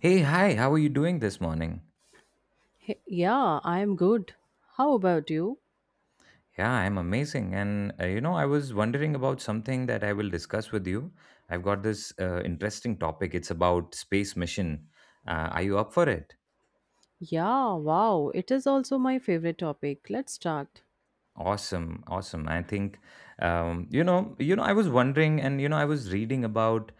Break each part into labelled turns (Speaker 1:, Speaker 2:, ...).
Speaker 1: Hey, hi, how are you doing this morning?
Speaker 2: Hey, yeah, I am good. How about you?
Speaker 1: Yeah, I'm amazing. And I was wondering about something that I will discuss with you. I've got this interesting topic. It's about space mission. Are you up for it?
Speaker 2: Yeah, wow, it is also my favorite topic. Let's start.
Speaker 1: Awesome, awesome. I think I was wondering, and I was reading about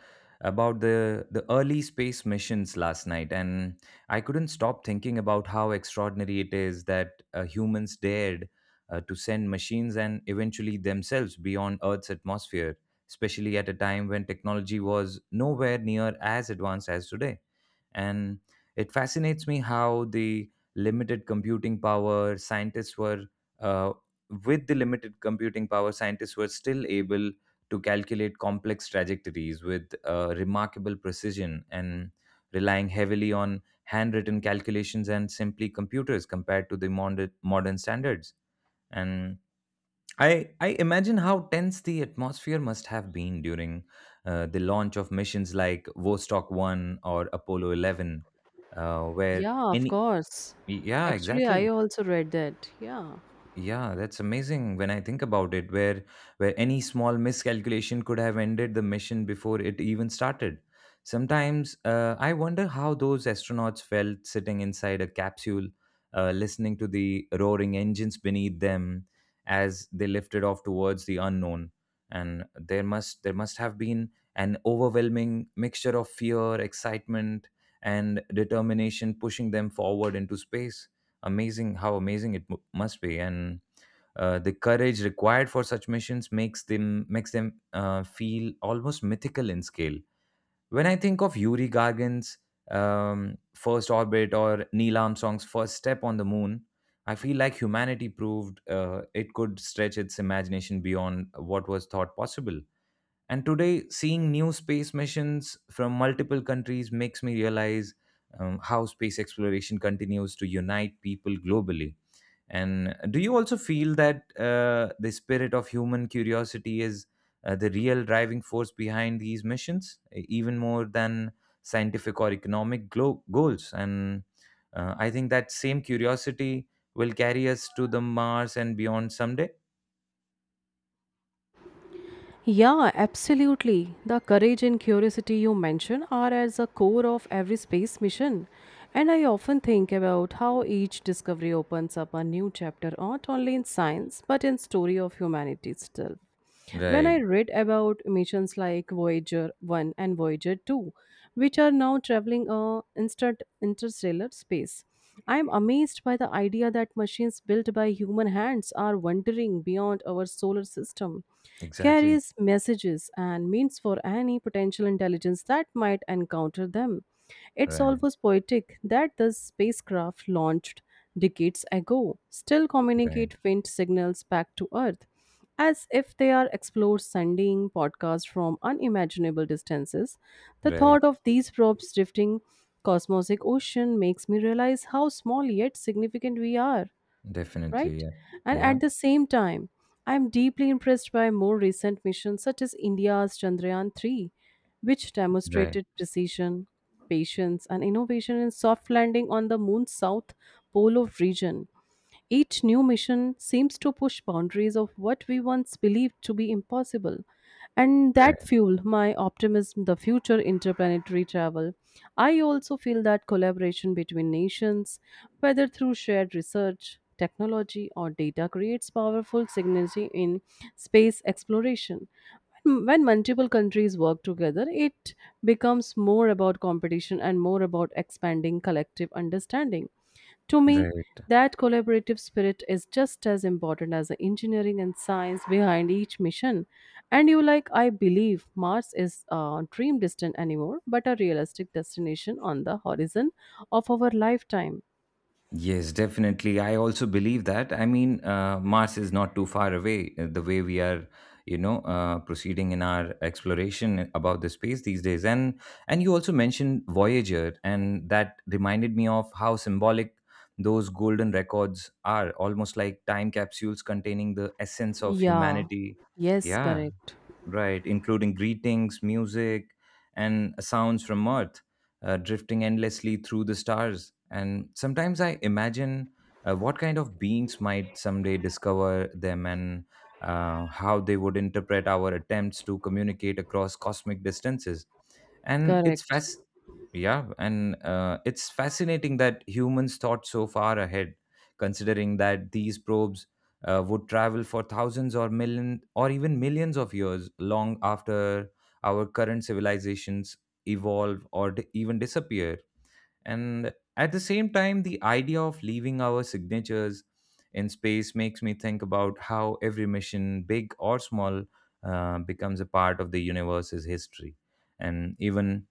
Speaker 1: about the early space missions last night, and I couldn't stop thinking about how extraordinary it is that humans dared to send machines and eventually themselves beyond Earth's atmosphere, especially at a time when technology was nowhere near as advanced as today. And it fascinates me how the limited computing power scientists were uh, with the limited computing power, scientists were still able to calculate complex trajectories with remarkable precision and relying heavily on handwritten calculations and simply computers compared to the modern standards. And I imagine how tense the atmosphere must have been during the launch of missions like Vostok 1 or Apollo 11, where
Speaker 2: Yeah, of
Speaker 1: any.
Speaker 2: course.
Speaker 1: Yeah,
Speaker 2: Actually, I
Speaker 1: exactly.
Speaker 2: also read that. Yeah.
Speaker 1: Yeah, that's amazing when I think about it, where any small miscalculation could have ended the mission before it even started. Sometimes I wonder how those astronauts felt sitting inside a capsule, listening to the roaring engines beneath them as they lifted off towards the unknown. And there must have been an overwhelming mixture of fear, excitement, and determination pushing them forward into space. Amazing it must be. And the courage required for such missions makes them feel almost mythical in scale. When I think of Yuri Gagarin's first orbit or Neil Armstrong's first step on the moon, I feel like humanity proved it could stretch its imagination beyond what was thought possible. And today, seeing new space missions from multiple countries makes me realize how space exploration continues to unite people globally. And do you also feel that the spirit of human curiosity is the real driving force behind these missions, even more than scientific or economic goals? And I think that same curiosity will carry us to the Mars and beyond someday.
Speaker 2: Yeah, absolutely. The courage and curiosity you mention are at the core of every space mission. And I often think about how each discovery opens up a new chapter not only in science but in story of humanity itself. When I
Speaker 1: Right.
Speaker 2: read about missions like Voyager 1 and Voyager 2, which are now traveling instant interstellar space, I am amazed by the idea that machines built by human hands are wandering beyond our solar system,
Speaker 1: Exactly.
Speaker 2: carries messages and means for any potential intelligence that might encounter them. It's
Speaker 1: Right.
Speaker 2: almost poetic that the spacecraft launched decades ago still
Speaker 1: Right.
Speaker 2: communicate faint signals back to Earth, as if they are explorers sending podcasts from unimaginable distances. The
Speaker 1: Right.
Speaker 2: thought of these probes drifting cosmic ocean makes me realize how small yet significant we are,
Speaker 1: Definitely.
Speaker 2: right?
Speaker 1: Yeah.
Speaker 2: And
Speaker 1: Yeah.
Speaker 2: at the same time, I am deeply impressed by more recent missions such as India's Chandrayaan 3, which
Speaker 1: Right.
Speaker 2: demonstrated precision, patience, and innovation in soft landing on the moon's south pole of region. Each new mission seems to push boundaries of what we once believed to be impossible, and that
Speaker 1: Right.
Speaker 2: fueled my optimism the future interplanetary travel. I also feel that collaboration between nations, whether through shared research, technology, or data, creates powerful synergy in space exploration. When multiple countries work together, it becomes more about competition and more about expanding collective understanding. To me,
Speaker 1: Right.
Speaker 2: that collaborative spirit is just as important as the engineering and science behind each mission. And you like, I believe Mars is a dream distant anymore, but a realistic destination on the horizon of our lifetime.
Speaker 1: Yes, definitely. I also believe that. I mean, Mars is not too far away. The way we are, proceeding in our exploration about the space these days, and you also mentioned Voyager, and that reminded me of how symbolic those golden records are, almost like time capsules containing the essence of
Speaker 2: Yeah.
Speaker 1: humanity.
Speaker 2: Yes,
Speaker 1: Yeah,
Speaker 2: correct.
Speaker 1: right, including greetings, music, and sounds from Earth, drifting endlessly through the stars. And sometimes I imagine what kind of beings might someday discover them and how they would interpret our attempts to communicate across cosmic distances. And it's
Speaker 2: Correct.
Speaker 1: fast, yeah, and it's fascinating that humans thought so far ahead, considering that these probes would travel for thousands or million or even millions of years long after our current civilizations evolve or even disappear. And at the same time, the idea of leaving our signatures in space makes me think about how every mission, big or small, becomes a part of the universe's history. And even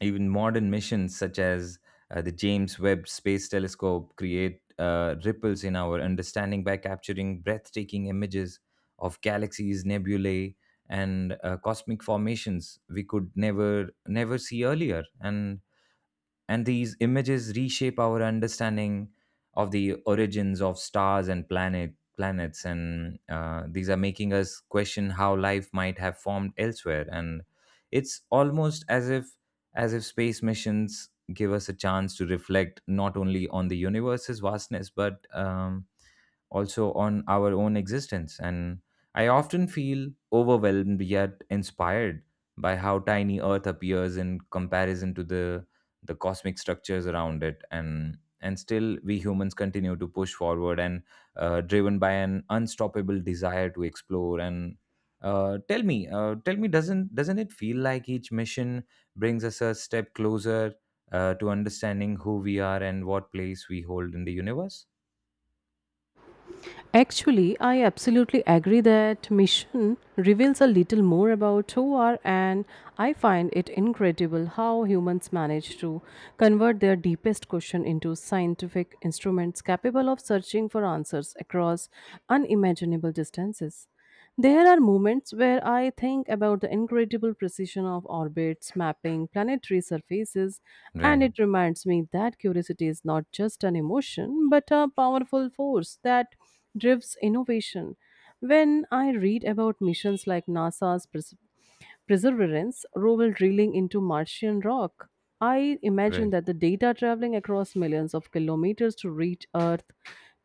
Speaker 1: even modern missions such as the James Webb Space Telescope create ripples in our understanding by capturing breathtaking images of galaxies, nebulae, and cosmic formations we could never see earlier. And these images reshape our understanding of the origins of stars and planets, and these are making us question how life might have formed elsewhere. And it's almost as if space missions give us a chance to reflect not only on the universe's vastness, but also on our own existence. And I often feel overwhelmed yet inspired by how tiny Earth appears in comparison to the cosmic structures around it. And still, we humans continue to push forward, and driven by an unstoppable desire to explore. And tell me, doesn't it feel like each mission brings us a step closer to understanding who we are and what place we hold in the universe?
Speaker 2: Actually, I absolutely agree that mission reveals a little more about who are, and I find it incredible how humans manage to convert their deepest question into scientific instruments capable of searching for answers across unimaginable distances. There are moments where I think about the incredible precision of orbits, mapping, planetary surfaces, and
Speaker 1: Right.
Speaker 2: it reminds me that curiosity is not just an emotion but a powerful force that drives innovation. When I read about missions like NASA's Perseverance, Rowell drilling into Martian rock. I imagine
Speaker 1: Right.
Speaker 2: that the data traveling across millions of kilometers to reach Earth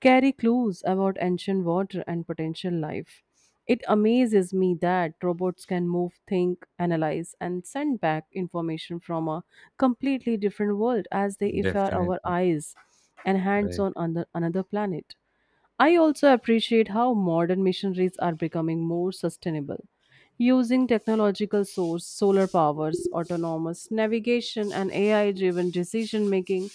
Speaker 2: carry clues about ancient water and potential life. It amazes me that robots can move, think, analyze, and send back information from a completely different world as they if are our
Speaker 1: Definitely.
Speaker 2: eyes and hands
Speaker 1: Right.
Speaker 2: on another planet. I also appreciate how modern missionaries are becoming more sustainable, using technological source, solar powers, autonomous navigation, and AI-driven decision making.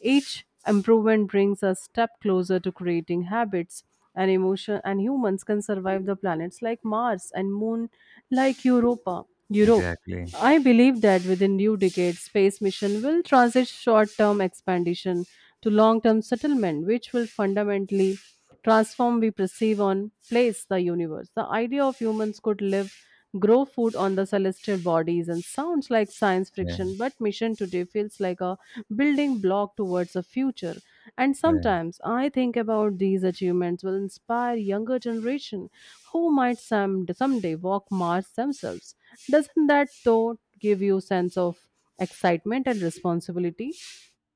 Speaker 2: Each improvement brings a step closer to creating habits and emotion, and humans can survive the planets like Mars and Moon like Europe.
Speaker 1: Exactly.
Speaker 2: I believe that within new decades, space mission will transit short-term expansion to long-term settlement, which will fundamentally transform we perceive on place the universe. The idea of humans could live, grow food on the celestial bodies and sounds like science
Speaker 1: Yeah.
Speaker 2: fiction, but mission today feels like a building block towards a future and
Speaker 1: Right.
Speaker 2: sometimes I think about these achievements will inspire younger generation who might someday walk Mars themselves. Doesn't that thought give you sense of excitement and responsibility?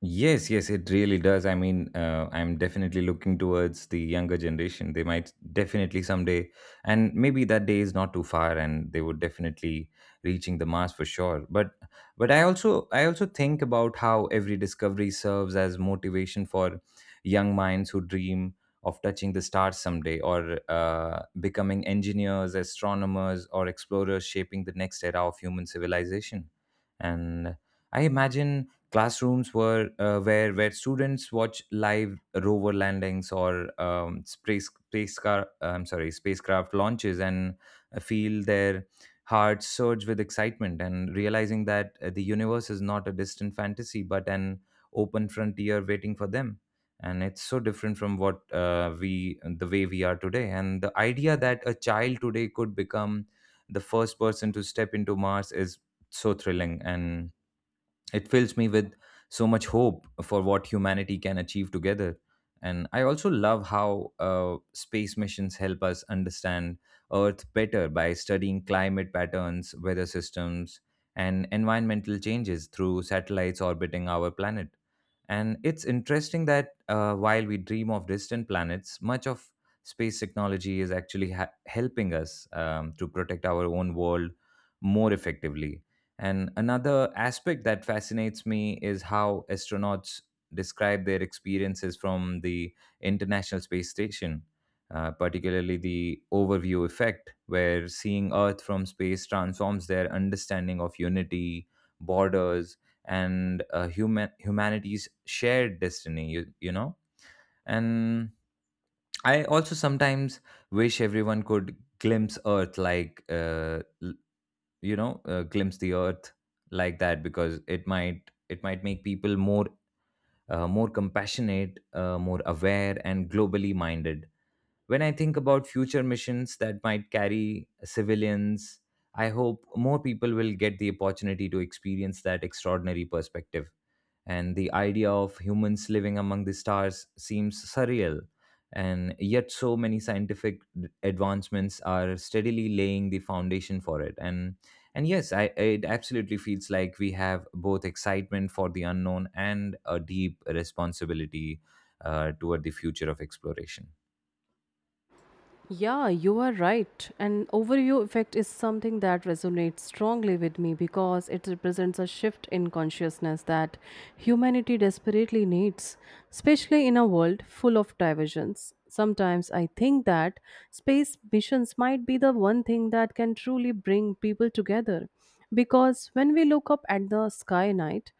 Speaker 1: Yes, yes, it really does. I mean, I'm definitely looking towards the younger generation. They might definitely someday, and maybe that day is not too far, and they would definitely reaching the Mars for sure. But, I also, think about how every discovery serves as motivation for young minds who dream of touching the stars someday, or becoming engineers, astronomers, or explorers, shaping the next era of human civilization. And I imagine classrooms were where students watch live rover landings or spacecraft, I'm sorry spacecraft launches, and feel their hearts surge with excitement and realizing that the universe is not a distant fantasy but an open frontier waiting for them. And it's so different from what we the way we are today. And the idea that a child today could become the first person to step into Mars is so thrilling, and it fills me with so much hope for what humanity can achieve together. And I also love how space missions help us understand Earth better by studying climate patterns, weather systems, and environmental changes through satellites orbiting our planet. And it's interesting that while we dream of distant planets, much of space technology is actually helping us to protect our own world more effectively. And another aspect that fascinates me is how astronauts describe their experiences from the International Space Station, particularly the overview effect, where seeing Earth from space transforms their understanding of unity, borders, and humanity's shared destiny. And I also sometimes wish everyone could glimpse Earth like glimpse the earth like that, because it might make people more more compassionate, more aware and globally minded. When I think about future missions that might carry civilians, I hope more people will get the opportunity to experience that extraordinary perspective. And the idea of humans living among the stars seems surreal. And yet, so many scientific advancements are steadily laying the foundation for it. And yes, it absolutely feels like we have both excitement for the unknown and a deep responsibility toward the future of exploration.
Speaker 2: Yeah, you are right. And overview effect is something that resonates strongly with me because it represents a shift in consciousness that humanity desperately needs, especially in a world full of diversions. Sometimes I think that space missions might be the one thing that can truly bring people together because when we look up at the sky night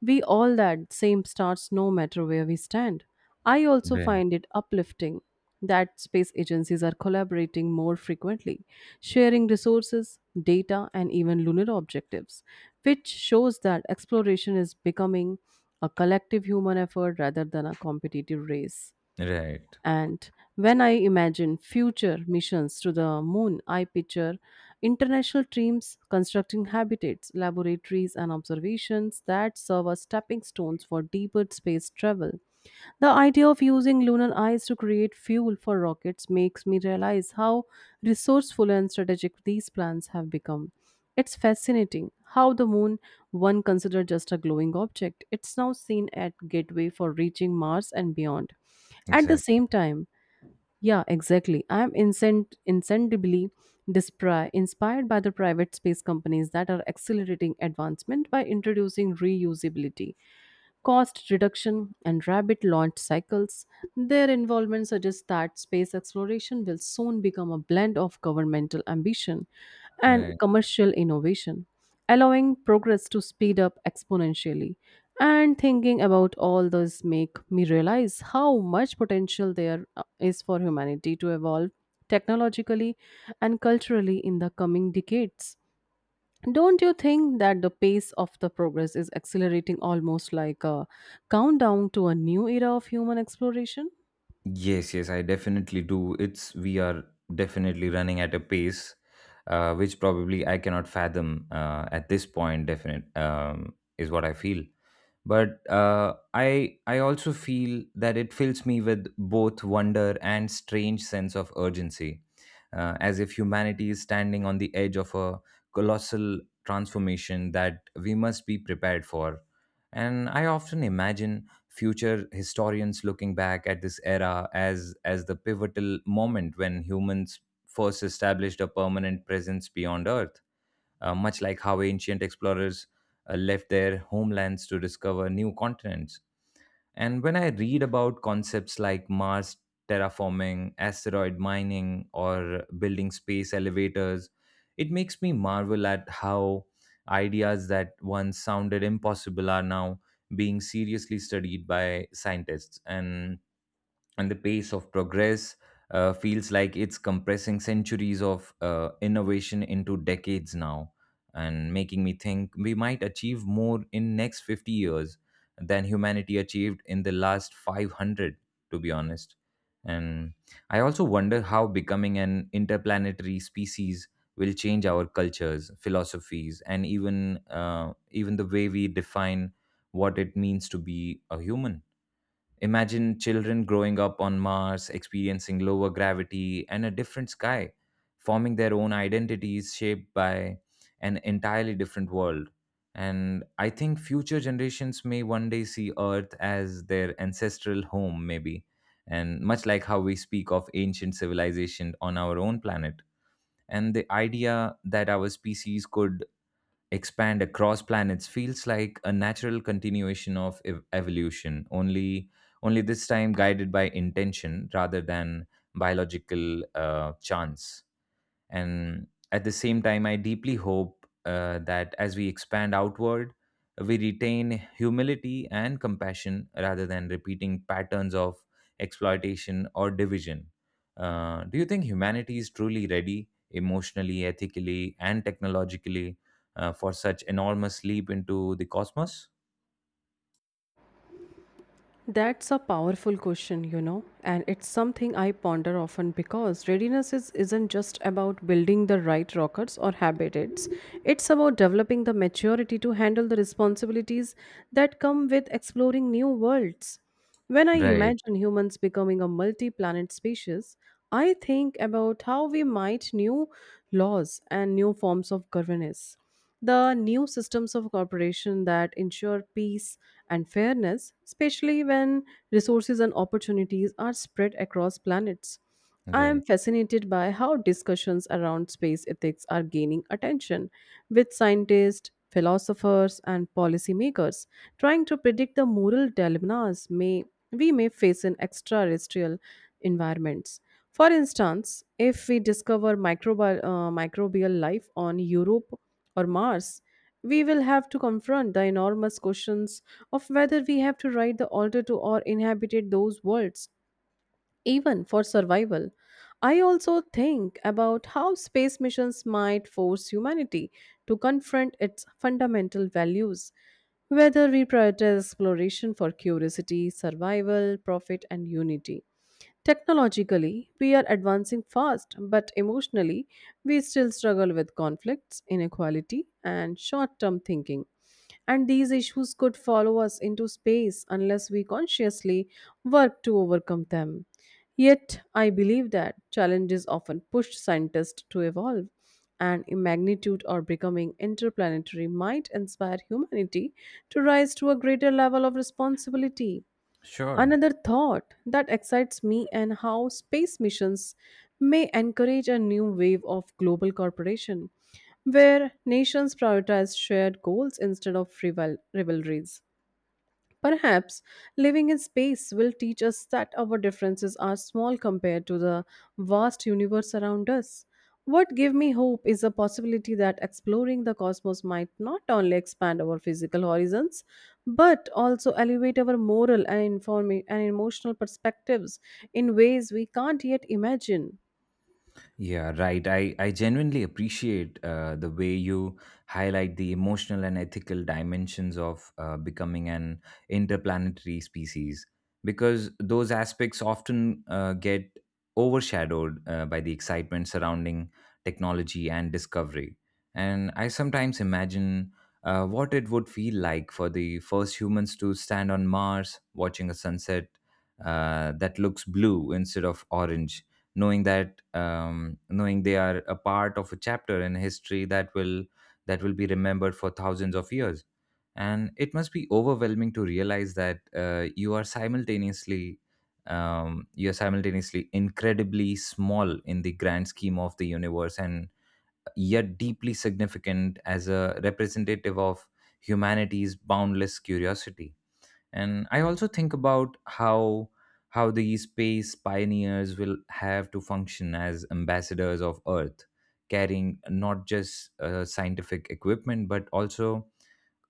Speaker 2: we all that same starts no matter where we stand. I also
Speaker 1: Right.
Speaker 2: find it uplifting that space agencies are collaborating more frequently, sharing resources, data, and even lunar objectives, which shows that exploration is becoming a collective human effort rather than a competitive race.
Speaker 1: Right.
Speaker 2: And when I imagine future missions to the moon, I picture international teams constructing habitats, laboratories, and observations that serve as stepping stones for deeper space travel. The idea of using lunar ice to create fuel for rockets makes me realize how resourceful and strategic these plans have become. It's fascinating how the moon, one considered just a glowing object, it's now seen at gateway for reaching Mars and beyond. At the
Speaker 1: Exactly.
Speaker 2: same time, yeah, exactly. I am incredibly inspired by the private space companies that are accelerating advancement by introducing reusability cost reduction, and rabbit launch cycles. Their involvement suggests that space exploration will soon become a blend of governmental ambition and
Speaker 1: Right.
Speaker 2: commercial innovation, allowing progress to speed up exponentially. And thinking about all this make me realize how much potential there is for humanity to evolve technologically and culturally in the coming decades. Don't you think that the pace of the progress is accelerating almost like a countdown to a new era of human exploration?
Speaker 1: Yes, yes, I definitely do. It's, we are definitely running at a pace which probably I cannot fathom at this point. Definite Is what I feel, but I also feel that it fills me with both wonder and strange sense of urgency, as if humanity is standing on the edge of a colossal transformation that we must be prepared for. And I often imagine future historians looking back at this era as the pivotal moment when humans first established a permanent presence beyond Earth, much like how ancient explorers left their homelands to discover new continents. And when I read about concepts like Mars terraforming, asteroid mining, or building space elevators, it makes me marvel at how ideas that once sounded impossible are now being seriously studied by scientists. And the pace of progress feels like it's compressing centuries of innovation into decades now, and making me think we might achieve more in next 50 years than humanity achieved in the last 500, to be honest. And I also wonder how becoming an interplanetary species will change our cultures, philosophies, and even the way we define what it means to be a human. Imagine children growing up on Mars, experiencing lower gravity and a different sky, forming their own identities shaped by an entirely different world. And I think future generations may one day see Earth as their ancestral home, maybe, and much like how we speak of ancient civilization on our own planet. And the idea that our species could expand across planets feels like a natural continuation of evolution, only this time guided by intention rather than biological chance. And at the same time, I deeply hope that as we expand outward, we retain humility and compassion rather than repeating patterns of exploitation or division. Do you think humanity is truly ready emotionally, ethically, and technologically for such enormous leap into the cosmos?
Speaker 2: That's a powerful question, you know, and it's something I ponder often because readiness isn't just about building the right rockets or habitats. It's about developing the maturity to handle the responsibilities that come with exploring new worlds. When I
Speaker 1: Right,
Speaker 2: imagine humans becoming a multi planet species, I think about how we might new laws and new forms of governance. The new systems of cooperation that ensure peace and fairness, especially when resources and opportunities are spread across planets. I am
Speaker 1: right.
Speaker 2: fascinated by how discussions around space ethics are gaining attention, with scientists, philosophers, and policymakers trying to predict the moral dilemmas we may face in extraterrestrial environments. For instance, if we discover microbial life on Europe or Mars, we will have to confront the enormous questions of whether we have to write the altar to or inhabited those worlds even for survival. I also think about how space missions might force humanity to confront its fundamental values, whether we prioritize exploration for curiosity, survival, profit, and unity. Technologically, we are advancing fast, but emotionally, we still struggle with conflicts, inequality, and short term thinking. And these issues could follow us into space unless we consciously work to overcome them. Yet, I believe that challenges often push scientists to evolve, and in magnitude or becoming interplanetary might inspire humanity to rise to a greater level of responsibility.
Speaker 1: Sure.
Speaker 2: Another thought that excites me and how space missions may encourage a new wave of global cooperation where nations prioritize shared goals instead of rivalries. Perhaps living in space will teach us that our differences are small compared to the vast universe around us. What gives me hope is the possibility that exploring the cosmos might not only expand our physical horizons, but also elevate our moral and emotional perspectives in ways we can't yet imagine.
Speaker 1: Yeah, right. I genuinely appreciate the way you highlight the emotional and ethical dimensions of becoming an interplanetary species, because those aspects often get overshadowed by the excitement surrounding technology and discovery. And I sometimes imagine what it would feel like for the first humans to stand on Mars watching a sunset that looks blue instead of orange, knowing that knowing they are a part of a chapter in history that will be remembered for thousands of years. And it must be overwhelming to realize that you are simultaneously incredibly small in the grand scheme of the universe and yet deeply significant as a representative of humanity's boundless curiosity. And I also think about how the space pioneers will have to function as ambassadors of Earth, carrying not just scientific equipment but also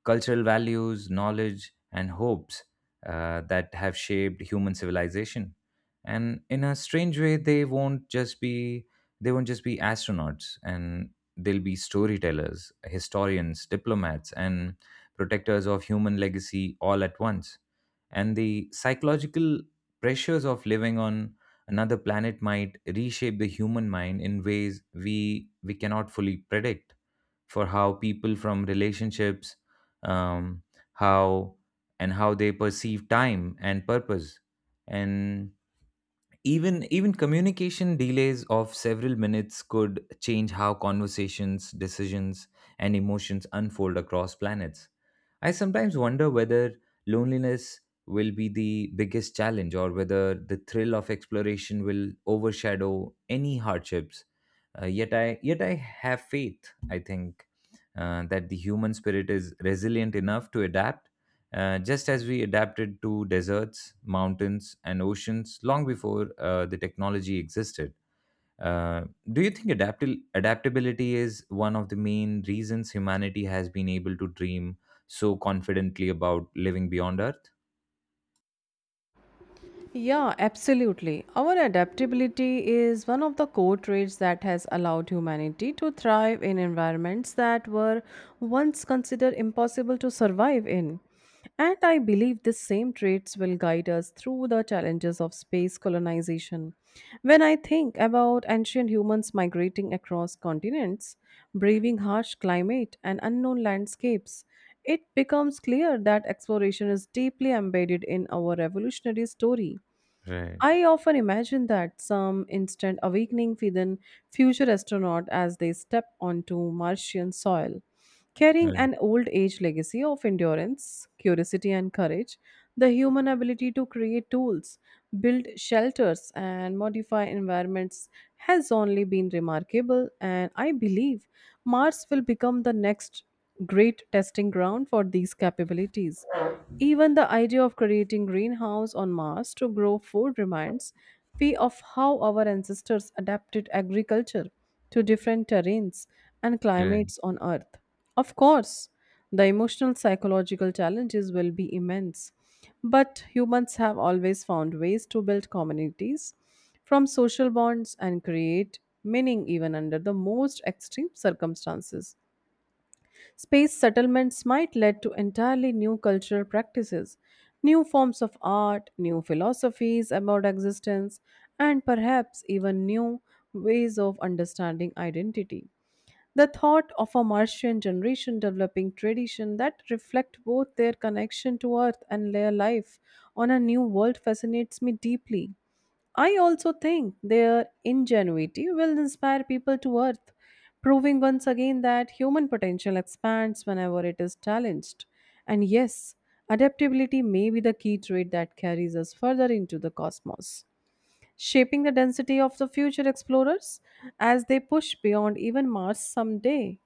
Speaker 1: cultural values, knowledge, and hopes that have shaped human civilization. And in a strange way, they won't just be astronauts, and they'll be storytellers, historians, diplomats, and protectors of human legacy all at once. And the psychological pressures of living on another planet might reshape the human mind in ways we cannot fully predict, for how people from relationships, um, how, and how they perceive time and purpose, and even communication delays of several minutes could change how conversations, decisions, and emotions unfold across planets. I sometimes wonder whether loneliness will be the biggest challenge or whether the thrill of exploration will overshadow any hardships. Yet I have faith, I think, that the human spirit is resilient enough to adapt, just as we adapted to deserts, mountains, and oceans long before the technology existed. Uh, do you think adaptability is one of the main reasons humanity has been able to dream so confidently about living beyond Earth?
Speaker 2: Yeah, absolutely. Our adaptability is one of the core traits that has allowed humanity to thrive in environments that were once considered impossible to survive in. And I believe these same traits will guide us through the challenges of space colonization. When I think about ancient humans migrating across continents, braving harsh climate and unknown landscapes, it becomes clear that exploration is deeply embedded in our evolutionary story.
Speaker 1: Right.
Speaker 2: I often imagine that some instant awakening within future astronauts as they step onto Martian soil, carrying
Speaker 1: Right.
Speaker 2: an old age legacy of endurance, curiosity, and courage, the human ability to create tools, build shelters, and modify environments has only been remarkable, and I believe Mars will become the next great testing ground for these capabilities. Even the idea of creating greenhouse on Mars to grow food reminds we of how our ancestors adapted agriculture to different terrains and
Speaker 1: Right.
Speaker 2: climates on Earth. Of course, the emotional psychological challenges will be immense, but humans have always found ways to build communities from social bonds and create meaning even under the most extreme circumstances. Space settlements might lead to entirely new cultural practices, new forms of art, new philosophies about existence, and perhaps even new ways of understanding identity. The thought of a Martian generation developing tradition that reflect both their connection to Earth and their life on a new world fascinates me deeply. I also think their ingenuity will inspire people to Earth, proving once again that human potential expands whenever it is challenged. And yes, adaptability may be the key trait that carries us further into the cosmos, shaping the density of the future explorers as they push beyond even Mars someday.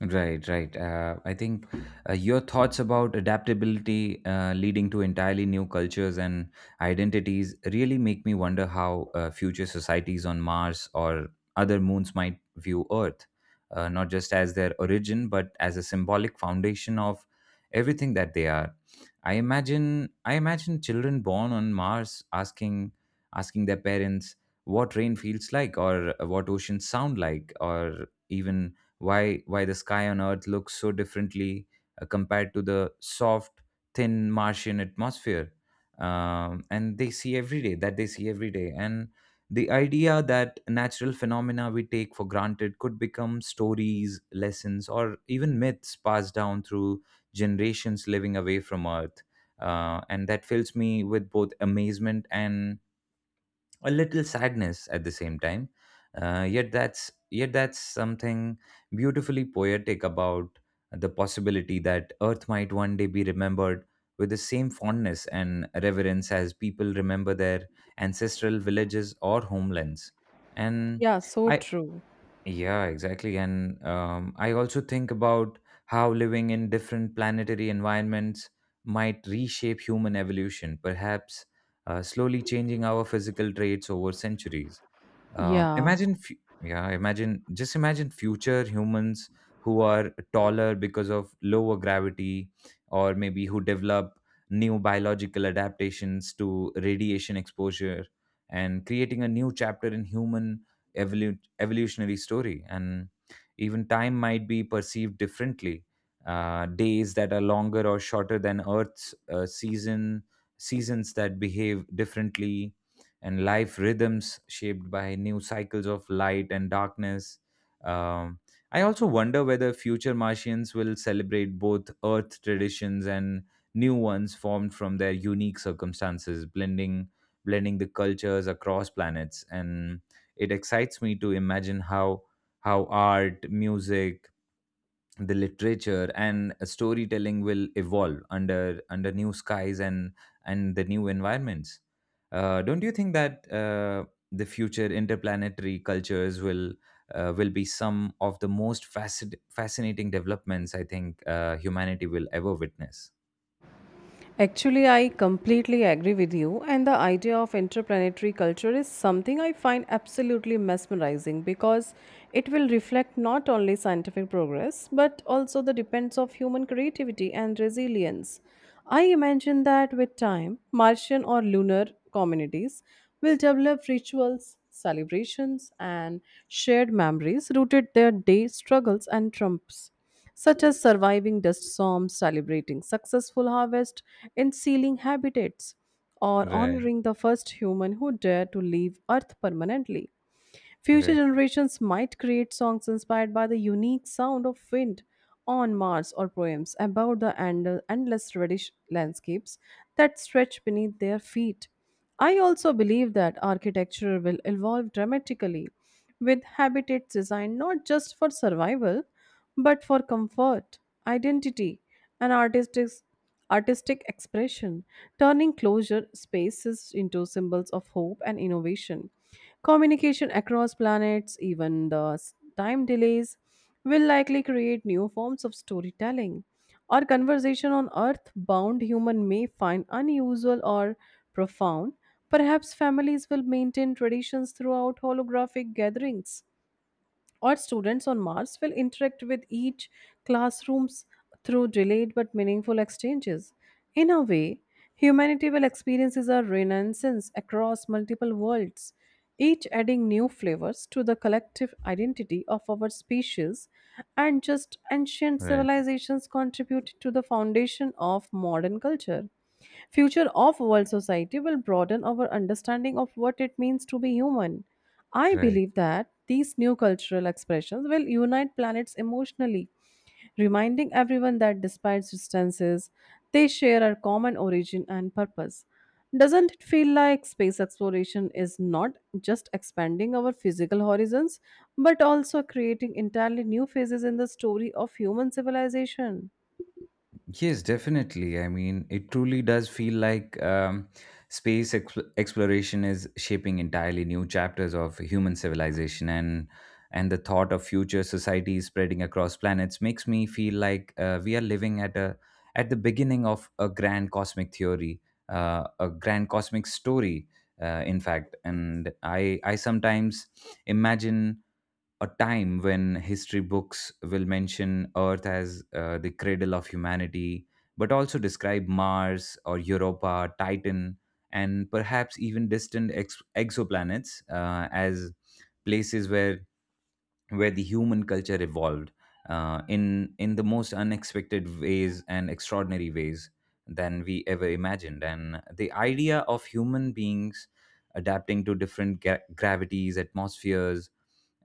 Speaker 1: Right, right. I think your thoughts about adaptability leading to entirely new cultures and identities really make me wonder how future societies on Mars or other moons might view Earth, not just as their origin, but as a symbolic foundation of everything that they are. I imagine children born on Mars asking their parents what rain feels like, or what oceans sound like, or even why the sky on Earth looks so differently compared to the soft, thin Martian atmosphere and they see every day. And the idea that natural phenomena we take for granted could become stories, lessons, or even myths passed down through generations living away from Earth, and that fills me with both amazement and a little sadness at the same time. Uh, yet that's something beautifully poetic about the possibility that Earth might one day be remembered with the same fondness and reverence as people remember their ancestral villages or homelands. And
Speaker 2: Yeah, so
Speaker 1: I
Speaker 2: true.
Speaker 1: Yeah, exactly. And I also think about how living in different planetary environments might reshape human evolution, perhaps slowly changing our physical traits over centuries. Um,
Speaker 2: Yeah.
Speaker 1: imagine, fu- yeah, imagine future humans who are taller because of lower gravity, or maybe who develop new biological adaptations to radiation exposure, and creating a new chapter in human evolutionary story. And even time might be perceived differently, days that are longer or shorter than Earth's, seasons that behave differently, and life rhythms shaped by new cycles of light and darkness. um, I also wonder whether future Martians will celebrate both Earth traditions and new ones formed from their unique circumstances, blending the cultures across planets. And it excites me to imagine how art, music, the literature, and storytelling will evolve under new skies and the new environments. Don't you think that the future interplanetary cultures will be some of the most fascinating developments, I think, humanity will ever witness?
Speaker 2: Actually, I completely agree with you, and the idea of entrepreneurial culture is something I find absolutely mesmerizing because it will reflect not only scientific progress but also the depends of human creativity and resilience. I imagine that with time, Martian or lunar communities will develop rituals, celebrations, and shared memories rooted their day struggles and trumps such as surviving dust storms, celebrating successful harvest, and sealing habitats, or
Speaker 1: Right,
Speaker 2: honoring the first human who dared to leave Earth permanently. Future
Speaker 1: right,
Speaker 2: generations might create songs inspired by the unique sound of wind on Mars or poems about the endless reddish landscapes that stretch beneath their feet. I also believe that architecture will evolve dramatically with habitats designed not just for survival but for comfort, identity, and artistic expression, turning closure spaces into symbols of hope and innovation. Communication across planets, even the time delays, will likely create new forms of storytelling. Our conversation on Earth bound human may find unusual or profound. Perhaps families will maintain traditions throughout holographic gatherings or students on Mars will interact with each classrooms through delayed but meaningful exchanges. In a way, humanity will experience a renaissance across multiple worlds, each adding new flavors to the collective identity of our species, and just ancient
Speaker 1: right,
Speaker 2: civilizations contribute to the foundation of modern culture. Future of world society will broaden our understanding of what it means to be human I
Speaker 1: right.
Speaker 2: believe that these new cultural expressions will unite planets emotionally, reminding everyone that despite distances, they share a common origin and purpose. Doesn't it feel like space exploration is not just expanding our physical horizons, but also creating entirely new phases in the story of human civilization?
Speaker 1: Yes, definitely. I mean, it truly does feel like space exploration is shaping entirely new chapters of human civilization, and the thought of future societies spreading across planets makes me feel like we are living at a at the beginning of a grand cosmic theory, a grand cosmic story, in fact. And I sometimes imagine a time when history books will mention Earth as the cradle of humanity, but also describe Mars or Europa, Titan, and perhaps even distant exoplanets, as places where the human culture evolved, in the most unexpected ways and extraordinary ways than we ever imagined. And the idea of human beings adapting to different gravities, atmospheres,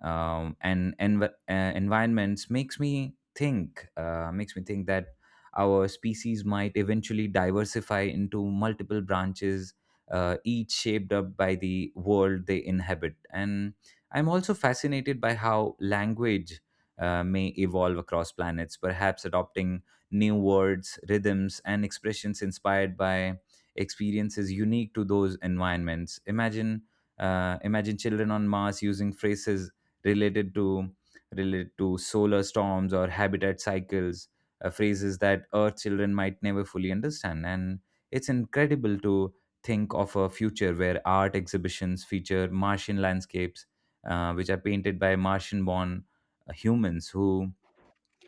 Speaker 1: and environments makes me think, that our species might eventually diversify into multiple branches, each shaped up by the world they inhabit. And I'm also fascinated by how language may evolve across planets, perhaps adopting new words, rhythms, and expressions inspired by experiences unique to those environments. Imagine children on Mars using phrases related to related to solar storms or habitat cycles, phrases that Earth children might never fully understand. And it's incredible to think of a future where art exhibitions feature Martian landscapes, which are painted by Martian-born humans who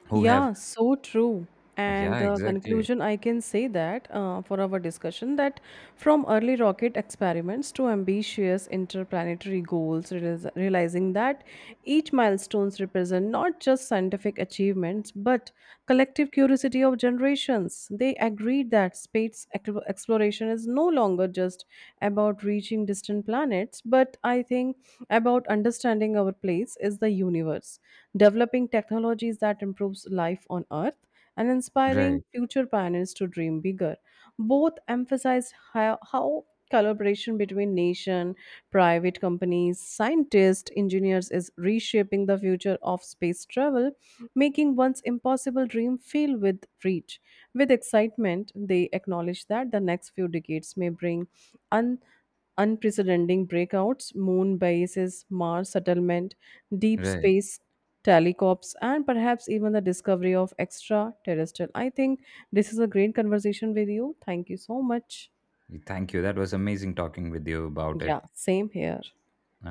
Speaker 1: have
Speaker 2: Yeah, so true. And
Speaker 1: yeah, exactly.
Speaker 2: conclusion, I can say that for our discussion, that from early rocket experiments to ambitious interplanetary goals, realis realizing that each milestones represent not just scientific achievements but collective curiosity of generations. They agreed that space exploration is no longer just about reaching distant planets, but I think about understanding our place is the universe, developing technologies that improves life on Earth, and inspiring
Speaker 1: Right,
Speaker 2: future pioneers to dream bigger. Both emphasize how collaboration between nation, private companies, scientists, engineers is reshaping the future of space travel, making one's impossible dream feel with reach. With excitement, they acknowledge that the next few decades may bring un- unprecedented breakouts, moon bases, Mars settlement, deep
Speaker 1: right.
Speaker 2: space telecops, and perhaps even the discovery of extraterrestrial. I think this is a great conversation with you. Thank you so much.
Speaker 1: Thank you. That was amazing talking with you about
Speaker 2: Yeah,
Speaker 1: it.
Speaker 2: same here.